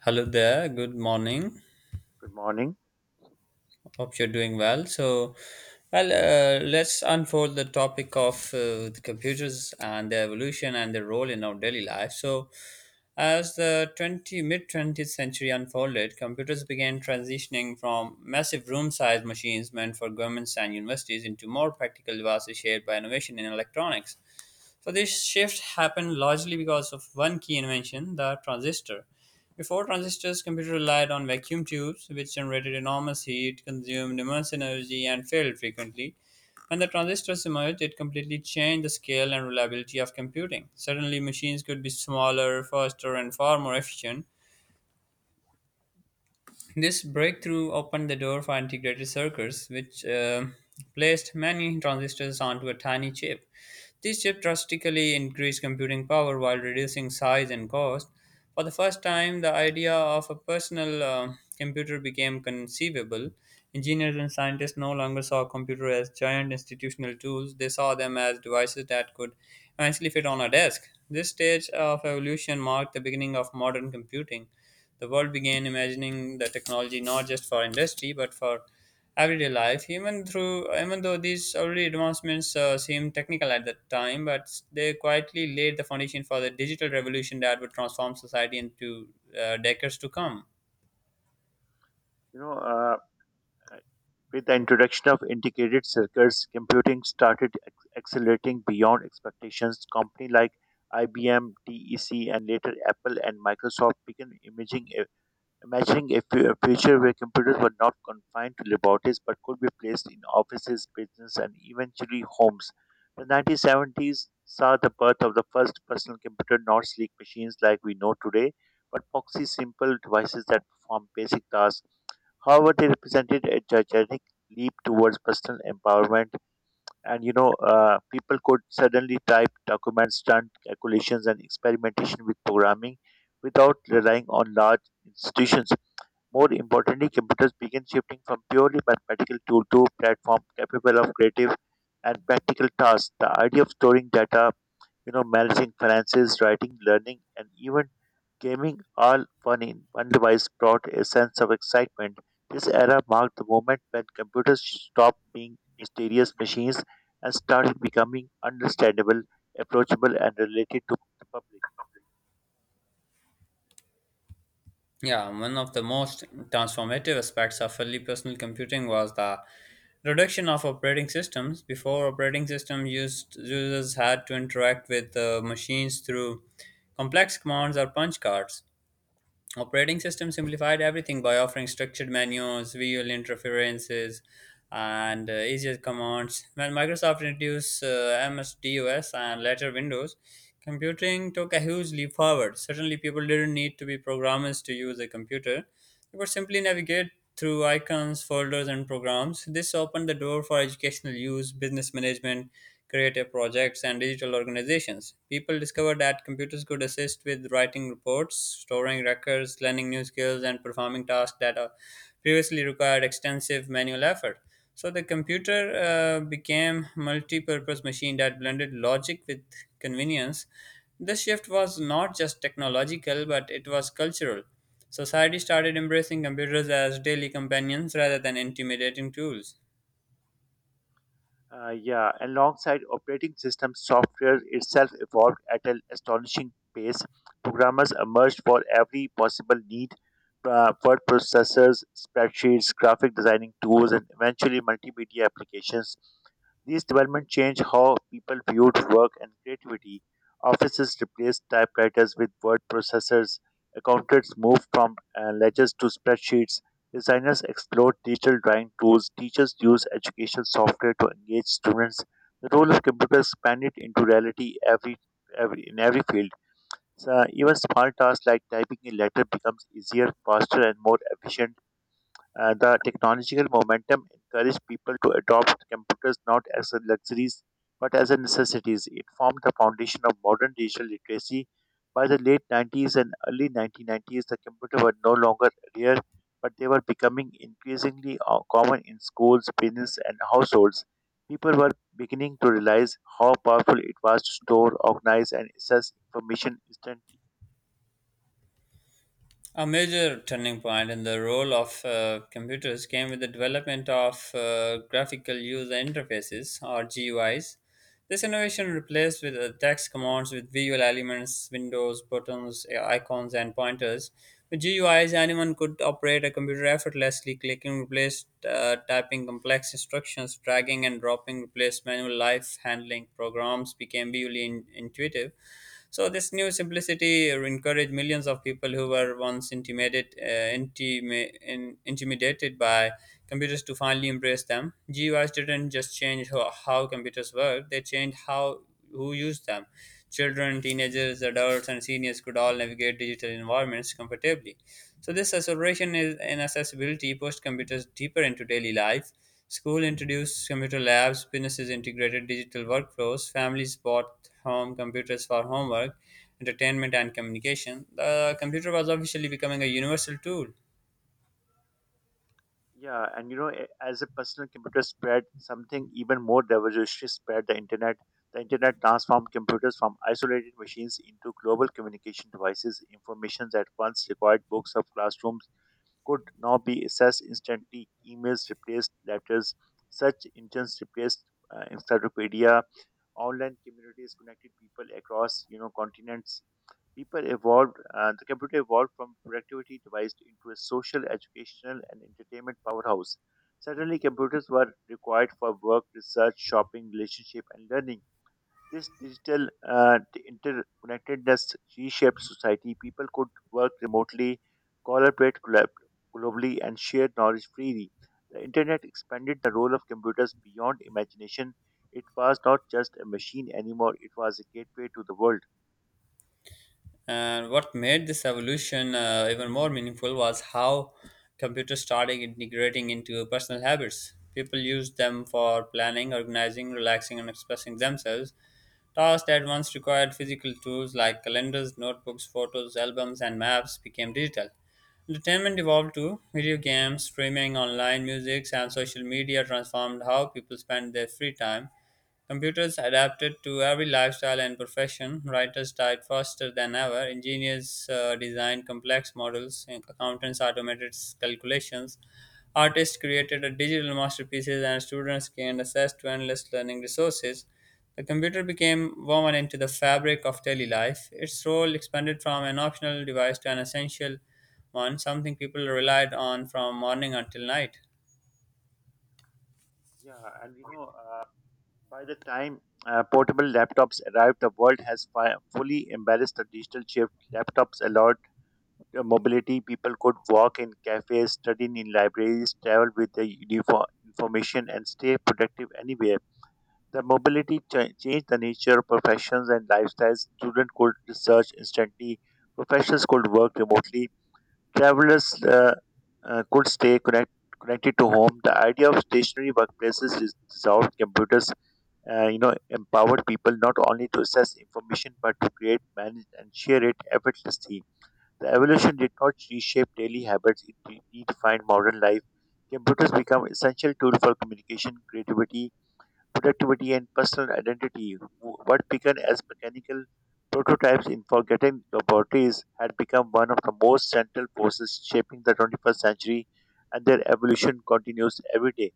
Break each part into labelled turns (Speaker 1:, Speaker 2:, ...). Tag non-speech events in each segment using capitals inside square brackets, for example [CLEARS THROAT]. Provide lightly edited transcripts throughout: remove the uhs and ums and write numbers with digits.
Speaker 1: Hello there, good morning.
Speaker 2: Good morning.
Speaker 1: Hope you're doing well. Let's unfold the topic of the computers and their evolution and their role in our daily life. So, as the 20 mid 20th century unfolded, computers began transitioning from massive room sized machines meant for governments and universities into more practical devices shaped by innovation in electronics. So this shift happened largely because of one key invention, the transistor. Before transistors, computers relied on vacuum tubes, which generated enormous heat, consumed immense energy, and failed frequently. When the transistors emerged, it completely changed the scale and reliability of computing. Suddenly, machines could be smaller, faster, and far more efficient. This breakthrough opened the door for integrated circuits, which placed many transistors onto a tiny chip. This chip drastically increased computing power while reducing size and cost. For the first time, the idea of a personal computer became conceivable. Engineers and scientists no longer saw computers as giant institutional tools, they saw them as devices that could eventually fit on a desk. This stage of evolution marked the beginning of modern computing. The world began imagining the technology not just for industry but for everyday life. Even though these early advancements seemed technical at the time, but they quietly laid the foundation for the digital revolution that would transform society into decades to come.
Speaker 2: You know, uh, with the introduction of integrated circuits, computing started accelerating beyond expectations. Company like IBM, DEC, and later Apple and Microsoft began imagining a, a future where computers were not confined to laboratories but could be placed in offices, business, and eventually homes. The 1970s saw the birth of the first personal computer, not sleek machines like we know today, but foxy, simple devices that perform basic tasks. However, they represented a gigantic leap towards personal empowerment. People could suddenly type documents, run calculations, and experimentation with programming without relying on large institutions. More importantly, computers began shifting from purely mathematical tool to a platform capable of creative and practical tasks. The idea of storing data, managing finances, writing, learning, and even gaming all one in one device brought a sense of excitement. This era marked the moment when computers stopped being mysterious machines and started becoming understandable, approachable, and related to the public.
Speaker 1: Yeah, one of the most transformative aspects of early personal computing was the reduction of operating systems. Before operating system used users had to interact with machines through complex commands or punch cards. Operating system simplified everything by offering structured menus, visual interfaces, and easier commands. When Microsoft introduced MS-DOS and later Windows, computing took a huge leap forward. Certainly, people didn't need to be programmers to use a computer. You could simply navigate through icons, folders, and programs. This opened the door for educational use, business management, creative projects, and digital organizations. People discovered that computers could assist with writing reports, storing records, learning new skills, and performing tasks that previously required extensive manual effort. So the computer became multi-purpose machine that blended logic with convenience. This shift was not just technological, but it was cultural. Society started embracing computers as daily companions rather than intimidating tools.
Speaker 2: Yeah, alongside operating system software itself evolved at an astonishing pace. Programmers emerged for every possible need. Word processors, spreadsheets, graphic designing tools, and eventually multimedia applications, these developments changed how people viewed work and creativity. Offices replaced typewriters with word processors. Accountants moved from ledgers to spreadsheets. Designers explored digital drawing tools. Teachers used education software to engage students. The role of computer expanded into reality every field. So even small tasks like typing a letter becomes easier, faster, and more efficient. The technological momentum encouraged people to adopt computers not as a luxuries but as a necessities. It formed the foundation of modern digital literacy. By the late 90s and early 1990s, the computer were no longer rare, but they were becoming increasingly common in schools, business, and households. People were beginning to realize how powerful it was to store, organize, and access information instantly.
Speaker 1: A major turning point in the role of computers came with the development of graphical user interfaces or GUIs. This innovation replaced with text commands with visual elements, windows, buttons, icons, and pointers. With GUIs, anyone could operate a computer effortlessly. Clicking replaced typing complex instructions, dragging and dropping replaced manual life handling. Programs became visually intuitive. So this new simplicity encouraged millions of people who were once intimidated by computers to finally embrace them. GUIs didn't just change how computers work; they changed how who used them. Children, teenagers, adults, and seniors could all navigate digital environments comfortably. So this acceleration is in accessibility pushed computers deeper into daily life. School introduced computer labs, businesses integrated digital workflows, families bought home computers for homework, entertainment, and communication. The computer was officially becoming a universal tool.
Speaker 2: Yeah, and as a personal computer spread, something even more revolutionary spread: the internet. The internet transformed computers from isolated machines into global communication devices. Information that once required books of classrooms could now be accessed instantly. Emails replaced letters, search engines replaced encyclopedia. Online communities connected people across, you know, continents. The computer evolved from productivity device into a social, educational, and entertainment powerhouse. Suddenly, computers were required for work, research, shopping, relationship, and learning. This digital interconnectedness reshaped society. People could work remotely, collaborate glo- globally, and share knowledge freely. The internet expanded the role of computers beyond imagination. It was not just a machine anymore, it was a gateway to the world.
Speaker 1: And what made this evolution even more meaningful was how computers started integrating into personal habits. People used them for planning, organizing, relaxing, and expressing themselves. Tasks that once required physical tools like calendars, notebooks, photos, albums, and maps became digital. Entertainment evolved too. Video games, streaming, online music, and social media transformed how people spend their free time. Computers adapted to every lifestyle and profession. Writers typed faster than ever. Engineers designed complex models. And Accountants automated calculations. Artists created a digital masterpieces, and students gained access to endless learning resources. The computer became woven into the fabric of daily life. Its role expanded from an optional device to an essential one, something people relied on from morning until night.
Speaker 2: Yeah, and you know, By the time portable laptops arrived, the world has fully embraced the digital shift. Laptops allowed the mobility. People could walk in cafes, study in libraries, travel with the uniform information, and stay productive anywhere. The mobility changed the nature of professions and lifestyles. Students could research instantly. Professionals could work remotely, travelers could connected to home. The idea of stationary workplaces is dissolved. Computers empowered people not only to access information but to create, manage, and share it effortlessly. The evolution did not reshape daily habits; it redefined modern life. Computers become essential tool for communication, creativity, productivity, and personal identity. What began as mechanical prototypes in forgotten laboratories had become one of the most central forces shaping the 21st century, and their evolution continues every day.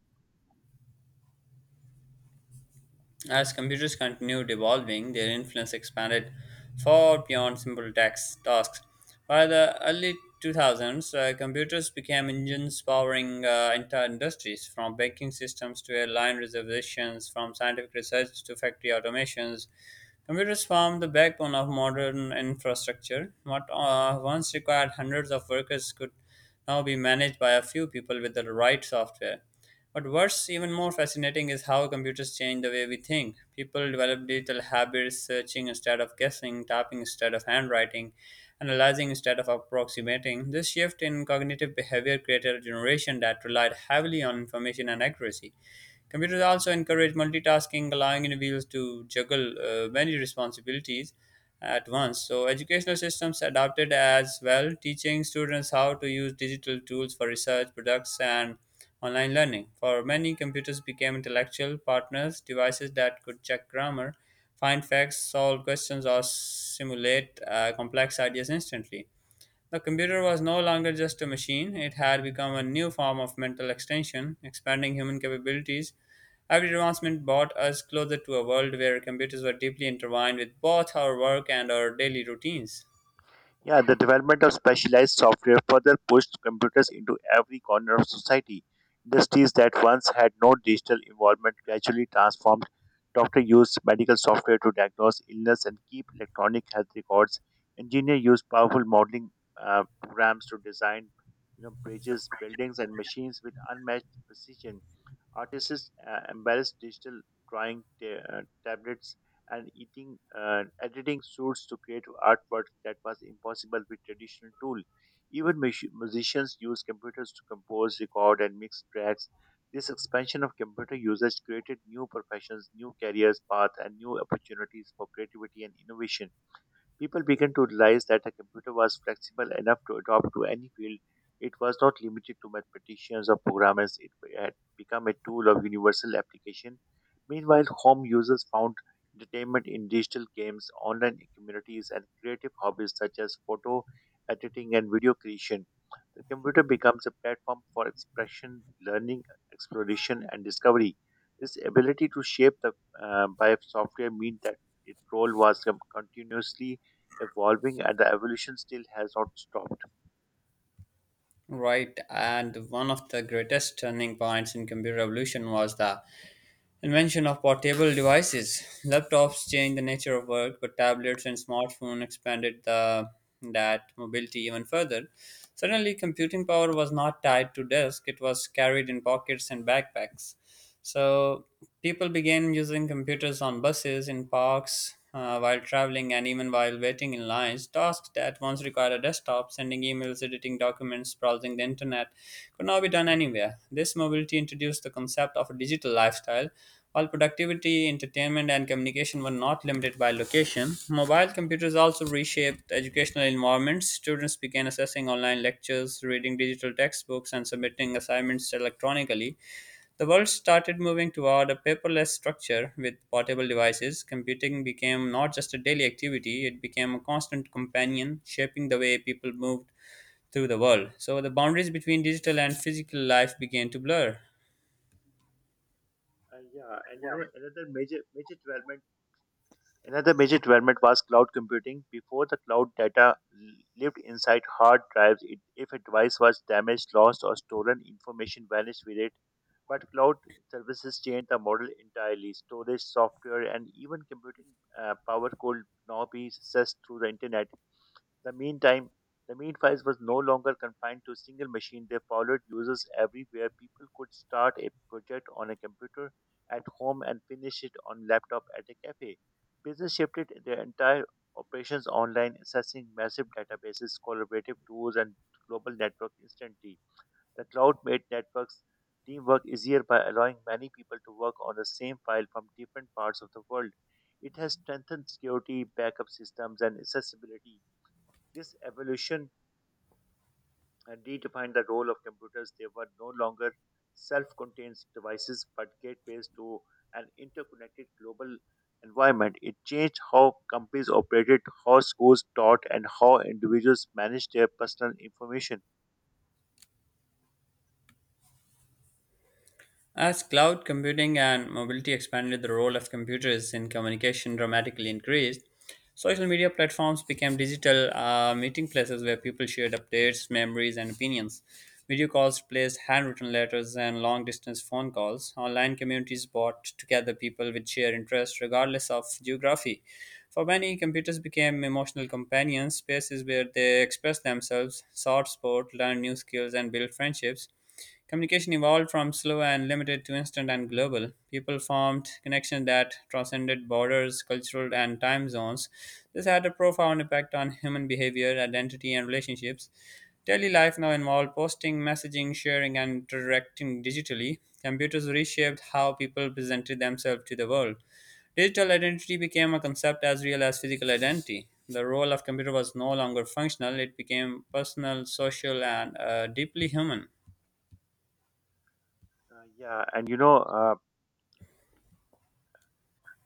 Speaker 1: As computers continued evolving, their influence expanded far beyond simple tax tasks. By the early 2000s, computers became engines powering entire industries, from banking systems to airline reservations, from scientific research to factory automations. Computers form the backbone of modern infrastructure. What once required hundreds of workers could now be managed by a few people with the right software. But what's even more fascinating is how computers change the way we think. People develop digital habits, searching instead of guessing, typing instead of handwriting, analyzing instead of approximating. This shift in cognitive behavior created a generation that relied heavily on information and accuracy. Computers also encourage multitasking, allowing individuals to juggle many responsibilities at once. So, educational systems adopted as well, teaching students how to use digital tools for research, products, and online learning. For many, computers became intellectual partners, devices that could check grammar, find facts, solve questions, or simulate complex ideas instantly. The computer was no longer just a machine, it had become a new form of mental extension, expanding human capabilities. Every advancement brought us closer to a world where computers were deeply intertwined with both our work and our daily routines.
Speaker 2: Yeah, the development of specialized software further pushed computers into every corner of society. Industries that once had no digital involvement gradually transformed. Doctors used medical software to diagnose illness and keep electronic health records. Engineers used powerful modeling programs to design, you know, bridges, buildings, and machines with unmatched precision. Artists embrace digital drawing ta- uh, tablets and eating editing suits to create artwork that was impossible with traditional tool. Even musicians use computers to compose, record, and mix tracks. This expansion of computer usage created new professions, new careers paths, and new opportunities for creativity and innovation. People began to realize that a computer was flexible enough to adapt to any field. It was not limited to mathematicians or programmers, it had become a tool of universal application. Meanwhile, home users found entertainment in digital games, online communities, and creative hobbies such as photo editing and video creation. The computer becomes a platform for expression, learning, exploration, and discovery. This ability to shape the by software means that its role was continuously evolving and the evolution still has not stopped.
Speaker 1: Right, and one of the greatest turning points in computer evolution was the invention of portable devices. Laptops changed the nature of work, but tablets and smartphones expanded that mobility even further. Suddenly, computing power was not tied to desk; it was carried in pockets and backpacks. So people began using computers on buses, in parks, while traveling, and even while waiting in lines. Tasks that once required a desktop, sending emails, editing documents, browsing the internet, could now be done anywhere. This mobility introduced the concept of a digital lifestyle while productivity, entertainment, and communication were not limited by location, mobile computers also reshaped educational environments. Students began accessing online lectures, reading digital textbooks, and submitting assignments electronically. The world started moving toward a paperless structure with portable devices. Computing became not just a daily activity, it became a constant companion, shaping the way people moved through the world. So the boundaries between digital and physical life began to blur.
Speaker 2: And yeah, and you know another major major development Another major development was cloud computing. Before the cloud data lived inside hard drives, it, if a device was damaged, lost, or stolen, information vanished with it. But cloud services changed the model entirely. Storage, software, and even computing power could now be accessed through the internet. The meantime, the mean files was no longer confined to a single machine. They followed users everywhere. People could start a project on a computer at home and finish it on laptop at a cafe. Business shifted their entire operations online, accessing massive databases, collaborative tools, and global network instantly. The cloud made networks teamwork easier by allowing many people to work on the same file from different parts of the world. It has strengthened security, backup systems, and accessibility. This evolution redefined the role of computers. They were no longer self contained devices but gateways to an interconnected global environment. It changed how companies operated, how schools taught, and how individuals managed their personal information.
Speaker 1: As cloud computing and mobility expanded, the role of computers in communication dramatically increased. Social media platforms became digital meeting places where people shared updates, memories, and opinions. Video calls replaced handwritten letters and long distance phone calls. Online communities brought together people with shared interests, regardless of geography. For many, computers became emotional companions, spaces where they expressed themselves, sought support, learned new skills, and built friendships. Communication evolved from slow and limited to instant and global. People formed connections that transcended borders, cultural, and time zones. This had a profound impact on human behavior, identity, and relationships. Daily life now involved posting, messaging, sharing, and interacting digitally. Computers reshaped how people presented themselves to the world. Digital identity became a concept as real as physical identity. The role of computer was no longer functional, it became personal, social, and deeply human.
Speaker 2: Yeah, and you know,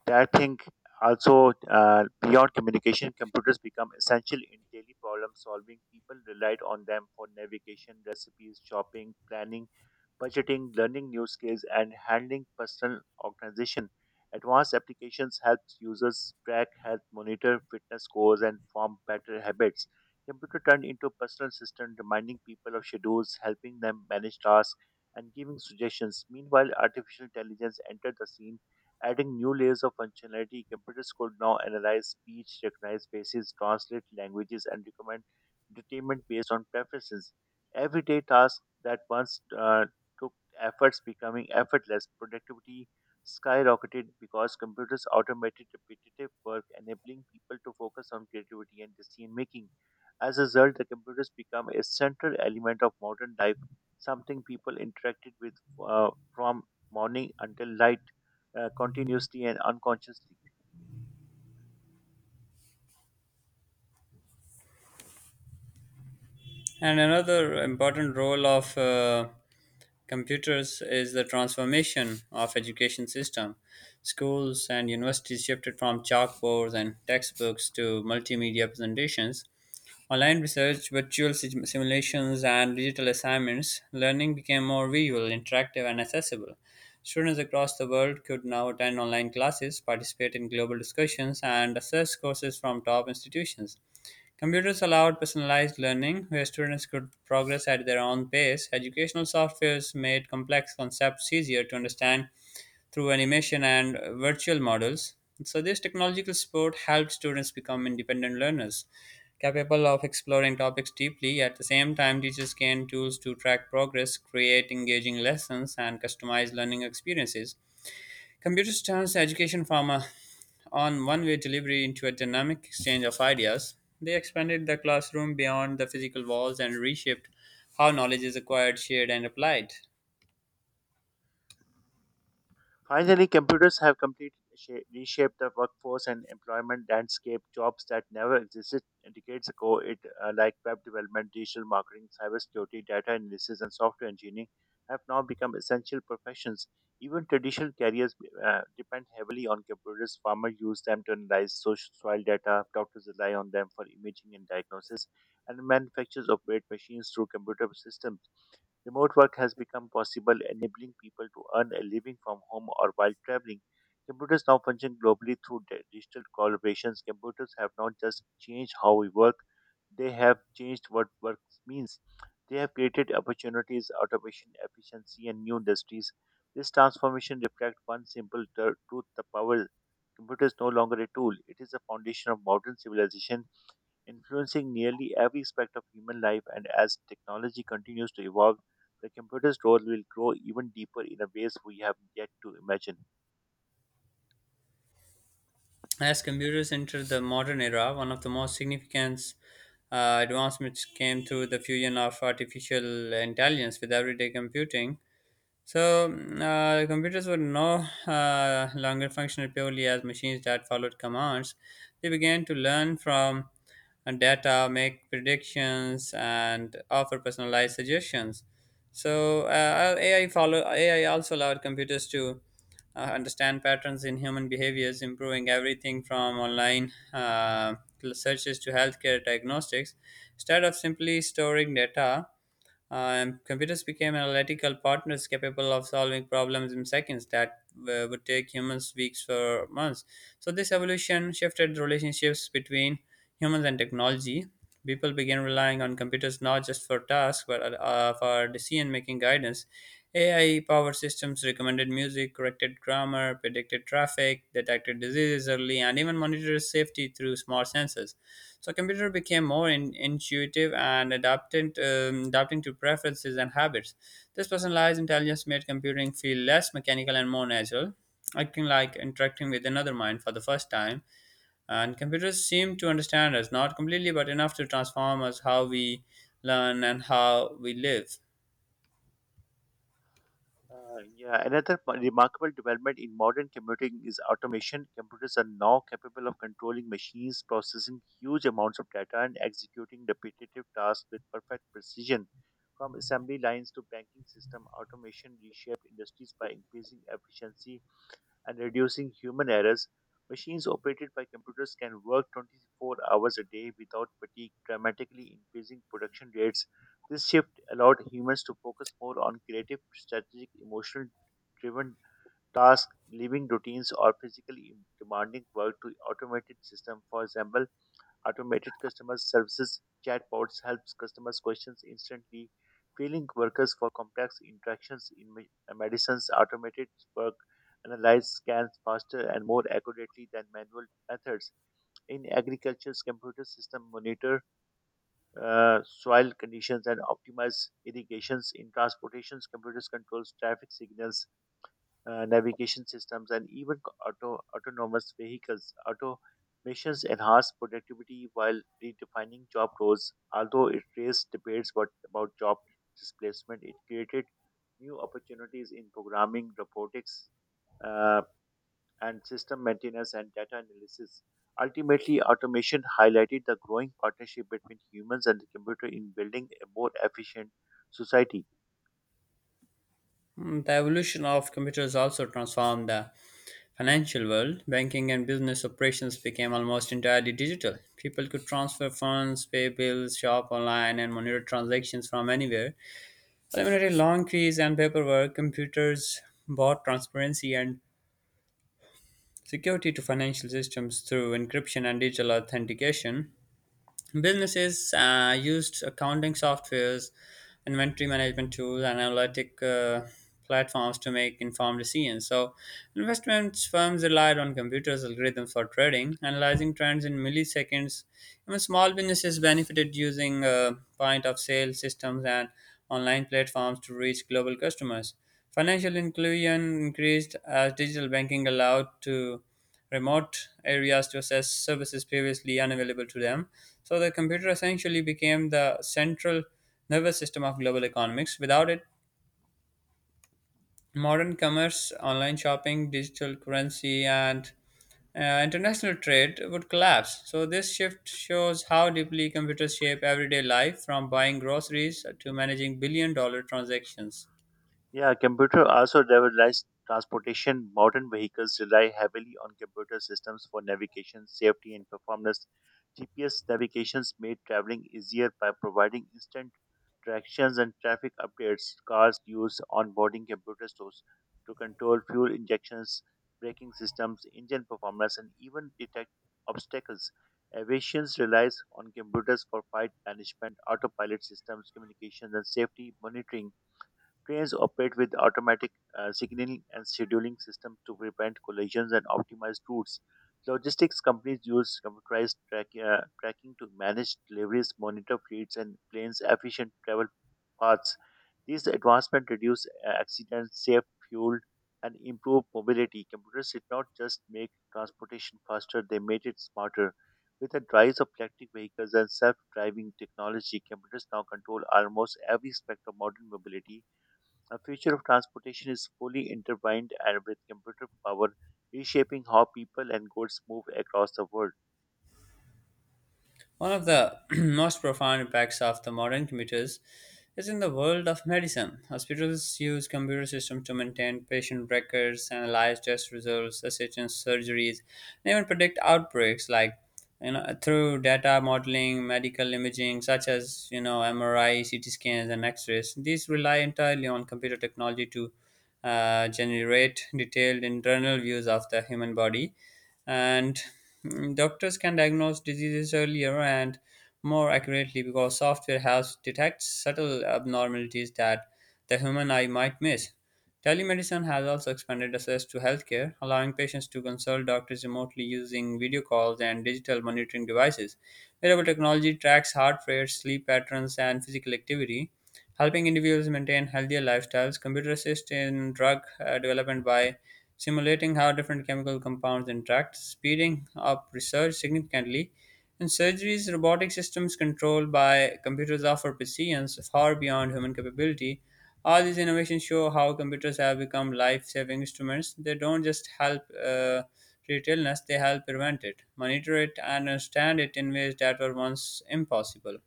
Speaker 2: that thing also Beyond communication, computers become essential in daily problem solving. People relied on them for navigation, recipes, shopping, planning, budgeting, learning new skills, and handling personal organization. Advanced applications help users track health, monitor fitness scores, and form better habits. Computer turned into a personal assistant, reminding people of schedules, helping them manage tasks, and giving suggestions. Meanwhile, artificial intelligence entered the scene, adding new layers of functionality. Computers could now analyze speech, recognize faces, translate languages, and recommend entertainment based on preferences. Everyday tasks that once took efforts becoming effortless. Productivity skyrocketed because computers automated repetitive work, enabling people to focus on creativity and decision making. As a result, the computers become a central element of modern life, something people interacted with from morning until night, continuously and unconsciously.
Speaker 1: And another important role of computers is the transformation of education system. Schools and universities shifted from chalkboards and textbooks to multimedia presentations. Online research, virtual simulations, and digital assignments, learning became more visual, interactive, and accessible. Students across the world could now attend online classes, participate in global discussions, and assess courses from top institutions. Computers allowed personalized learning, where students could progress at their own pace. Educational softwares made complex concepts easier to understand through animation and virtual models. So, this technological support helped students become independent learners, capable of exploring topics deeply. At the same time, teachers gained tools to track progress, create engaging lessons, and customize learning experiences. Computers turns education from a on one way delivery into a dynamic exchange of ideas. They expanded the classroom beyond the physical walls and reshaped how knowledge is acquired, shared, and applied.
Speaker 2: Finally, computers have completely reshaped the workforce and employment landscape. Jobs that never existed decades ago, it like web development, digital marketing, cybersecurity, data analysis, and software engineering, have now become essential professions. Even traditional careers depend heavily on computers. Farmers use them to analyze social soil data. Doctors rely on them for imaging and diagnosis, and manufacturers operate machines through computer systems. Remote work has become possible, enabling people to earn a living from home or while traveling. Computers now function globally through digital collaborations. Computers have not just changed how we work, they have changed what work means. They have created opportunities, automation, efficiency, and new industries. This transformation reflects one simple truth: the power. Computer is no longer a tool, it is the foundation of modern civilization influencing nearly every aspect of human life. And as technology continues to evolve, the computer's role will grow even deeper in a ways we have yet to imagine.
Speaker 1: As computers entered the modern era, one of the most significant advancements came through the fusion of artificial intelligence with everyday computing. So, computers were no longer functional purely as machines that followed commands. They began to learn from data, make predictions, and offer personalized suggestions. So, AI also allowed computers to understand patterns in human behaviors, improving everything from online searches to healthcare diagnostics. Instead of simply storing data, computers became analytical partners capable of solving problems in seconds that would take humans weeks or months. So, this evolution shifted relationships between humans and technology. People began relying on computers not just for tasks but for decision making guidance. AI powered systems recommended music, corrected grammar, predicted traffic, detected diseases early, and even monitored safety through smart sensors. So computer became more intuitive and adapting to preferences and habits. This personalized intelligence made computing feel less mechanical and more natural, acting like interacting with another mind for the first time. And computers seem to understand us, not completely, but enough to transform us how we learn and how we live.
Speaker 2: Yeah, another remarkable development in modern computing is automation. Computers are now capable of controlling machines, processing huge amounts of data, and executing repetitive tasks with perfect precision. From assembly lines to banking system, automation reshaped industries by increasing efficiency and reducing human errors. Machines operated by computers can work 24 hours a day without fatigue, dramatically increasing production rates. This shift allowed humans to focus more on creative, strategic, emotional driven tasks, leaving routines or physically demanding work to automated systems. For example, automated customer services chatbots helps customers questions instantly, freeing workers for complex interactions in medicines. Automated work analyze scans faster and more accurately than manual methods. In agriculture, computer system monitor soil conditions and optimize irrigations. In transportations, computers controls traffic signals, navigation systems, and even autonomous vehicles. Automations enhance productivity while redefining job roles. Although it raised debates about job displacement, it created new opportunities in programming, robotics, uh, and system maintenance and data analysis. Ultimately, automation highlighted the growing partnership between humans and the computer in building a more efficient society.
Speaker 1: The evolution of computers also transformed the financial world. Banking and business operations became almost entirely digital. People could transfer funds, pay bills, shop online, and monitor transactions from anywhere, eliminating long queues and paperwork. Computers brought transparency and security to financial systems through encryption and digital authentication. Businesses used accounting softwares, inventory management tools, and analytic platforms to make informed decisions. So, investment firms relied on computers algorithms for trading, analyzing trends in milliseconds. Even small businesses benefited using point of sale systems and online platforms to reach global customers. Financial inclusion increased as digital banking allowed to remote areas to access services previously unavailable to them. So the computer essentially became the central nervous system of global economics. Without it, modern commerce, online shopping, digital currency, and international trade would collapse. So, this shift shows how deeply computers shape everyday life from buying groceries to managing billion dollar transactions.
Speaker 2: Yeah, computer also revolutionized transportation. Modern vehicles rely heavily on computer systems for navigation, safety, and performance. GPS navigations made traveling easier by providing instant directions and traffic updates. Cars use onboarding computer stores to control fuel injections, braking systems, engine performance, and even detect obstacles. Aviation relies on computers for flight management, autopilot systems, communications, and safety monitoring. Trains operate with automatic signaling and scheduling systems to prevent collisions and optimize routes. Logistics companies use computerized tracking to manage deliveries, monitor fleets, and planes' efficient travel paths. These advancements reduce accidents, save fuel, and improve mobility. Computers did not just make transportation faster, they made it smarter. With the rise of electric vehicles and self driving technology, computers now control almost every aspect of modern mobility. The future of transportation is fully intertwined and with computer power reshaping how people and goods move across the world.
Speaker 1: One of the [CLEARS THROAT] most profound impacts of the modern computers is in the world of medicine. Hospitals use computer systems to maintain patient records, analyze test results, assist in surgeries, and even predict outbreaks like you know through data modeling, medical imaging such as you know MRI, CT scans, and X-rays. These rely entirely on computer technology to generate detailed internal views of the human body and doctors can diagnose diseases earlier and more accurately because software helps detect subtle abnormalities that the human eye might miss. Telemedicine has also expanded access to healthcare, allowing patients to consult doctors remotely using video calls and digital monitoring devices. Wearable technology tracks heart rate, sleep patterns, and physical activity, helping individuals maintain healthier lifestyles. Computer assist in drug development by simulating how different chemical compounds interact, speeding up research significantly. In surgeries, robotic systems controlled by computers offer precisions far beyond human capability. All these innovations show how computers have become life saving instruments. They don't just help treat illness, they help prevent it, monitor it, and understand it in ways that were once impossible.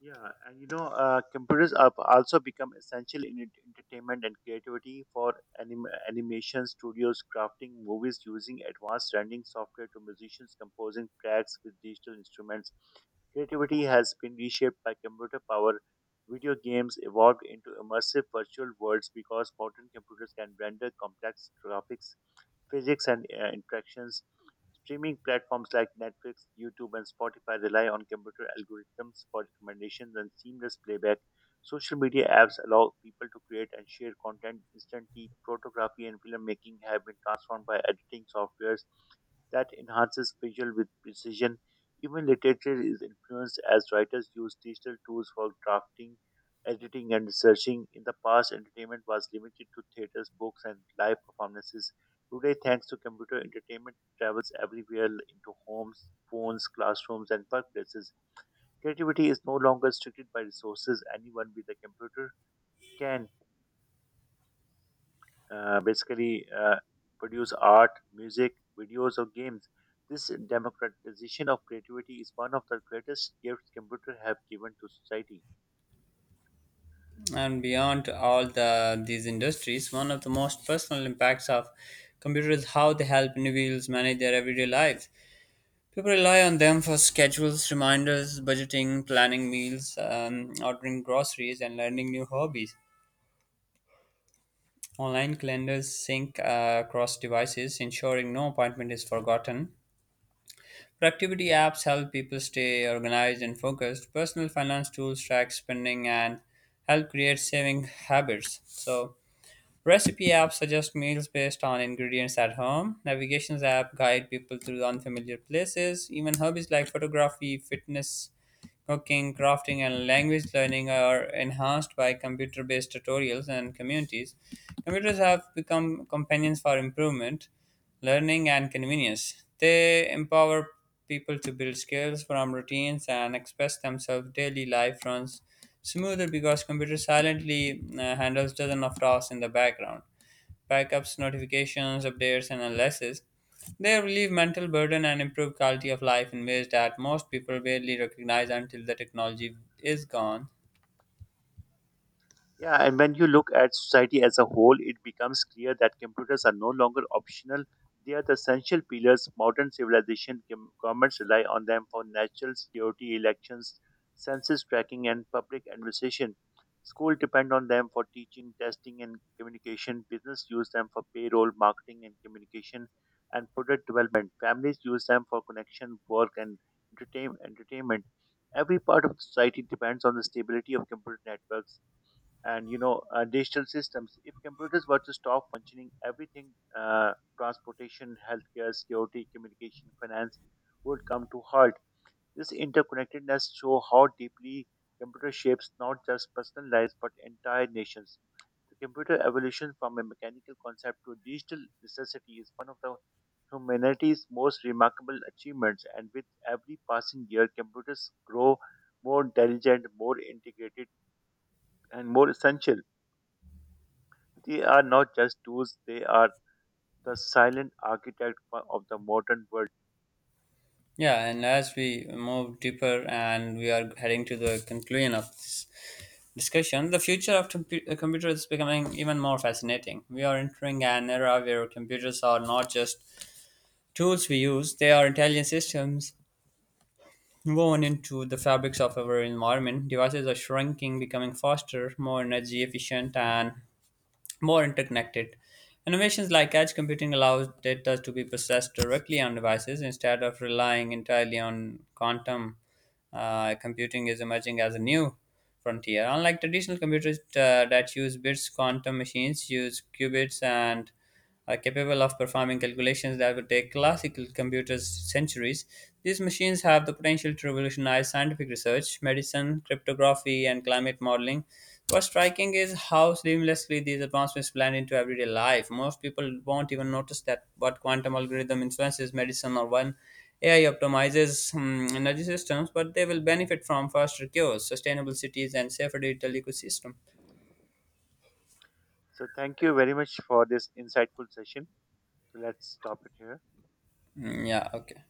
Speaker 2: Computers have also become essential in entertainment and creativity, for animation studios crafting movies using advanced rendering software to musicians composing tracks with digital instruments. Creativity has been reshaped by computer power. Video games evolved into immersive virtual worlds because modern computers can render complex graphics, physics, and interactions. Streaming platforms like Netflix, YouTube, and Spotify rely on computer algorithms for recommendations and seamless playback. Social media apps allow people to create and share content instantly. Photography and filmmaking have been transformed by editing softwares that enhances visual with precision. Even literature is influenced as writers use digital tools for drafting, editing, and researching. In the past, entertainment was limited to theaters, books, and live performances. Today, thanks to computer entertainment, travels everywhere into homes, phones, classrooms, and workplaces. Creativity is no longer restricted by resources. Anyone with a computer can basically produce art, music, videos, or games. This democratization of creativity is one of the greatest gifts computer have given to society.
Speaker 1: And beyond these industries, one of the most personal impacts of computers is how they help individuals manage their everyday lives. People rely on them for schedules, reminders, budgeting, planning meals, ordering groceries, and learning new hobbies. Online calendars sync across devices, ensuring no appointment is forgotten. Productivity apps help people stay organized and focused. Personal finance tools track spending and help create saving habits. So, recipe apps suggest meals based on ingredients at home. Navigations app guide people through unfamiliar places. Even hobbies like photography, fitness, cooking, crafting, and language learning are enhanced by computer based tutorials and communities. Computers have become companions for improvement, learning, and convenience. They empower people to build skills, form routines, and express themselves. Daily life runs smoother because computer silently handles dozens of tasks in the background: backups, notifications, updates, and analysis. They relieve mental burden and improve quality of life in ways that most people barely recognize until the technology is gone.
Speaker 2: Yeah, and when you look at society as a whole, it becomes clear that computers are no longer optional. They are the essential pillars. Modern civilization governments rely on them for national security, elections, census tracking, and public administration. Schools depend on them for teaching, testing, and communication. Business use them for payroll, marketing, and communication, and product development. Families use them for connection, work, and entertainment. Every part of society depends on the stability of computer networks and digital systems. If computers were to stop functioning, everything, uh, transportation, healthcare, security, communication, finance, would come to halt. This interconnectedness show how deeply computer shapes not just personal lives but entire nations. The computer evolution from a mechanical concept to a digital necessity is one of the humanity's most remarkable achievements, and with every passing year computers grow more intelligent, more integrated, and more essential. They are not just tools, they are the silent architect of the modern world.
Speaker 1: Yeah, and as we move deeper and we are heading to the conclusion of this discussion, the future of computers is becoming even more fascinating. We are entering an era where computers are not just tools we use, they are intelligent systems woven into the fabrics of our environment. Devices are shrinking, becoming faster, more energy efficient, and more interconnected. Innovations like edge computing allows data to be processed directly on devices instead of relying entirely on quantum. Computing is emerging as a new frontier. Unlike traditional computers that use bits, quantum machines use qubits and are capable of performing calculations that would take classical computers centuries. These machines have the potential to revolutionize scientific research, medicine, cryptography, and climate modeling. What's striking is how seamlessly these advancements blend into everyday life. Most people won't even notice that what quantum algorithm influences medicine or when AI optimizes energy systems, but they will benefit from faster cures, sustainable cities, and safer digital ecosystem.
Speaker 2: So, thank you very much for this insightful session. So let's stop it here.
Speaker 1: Mm, yeah, okay.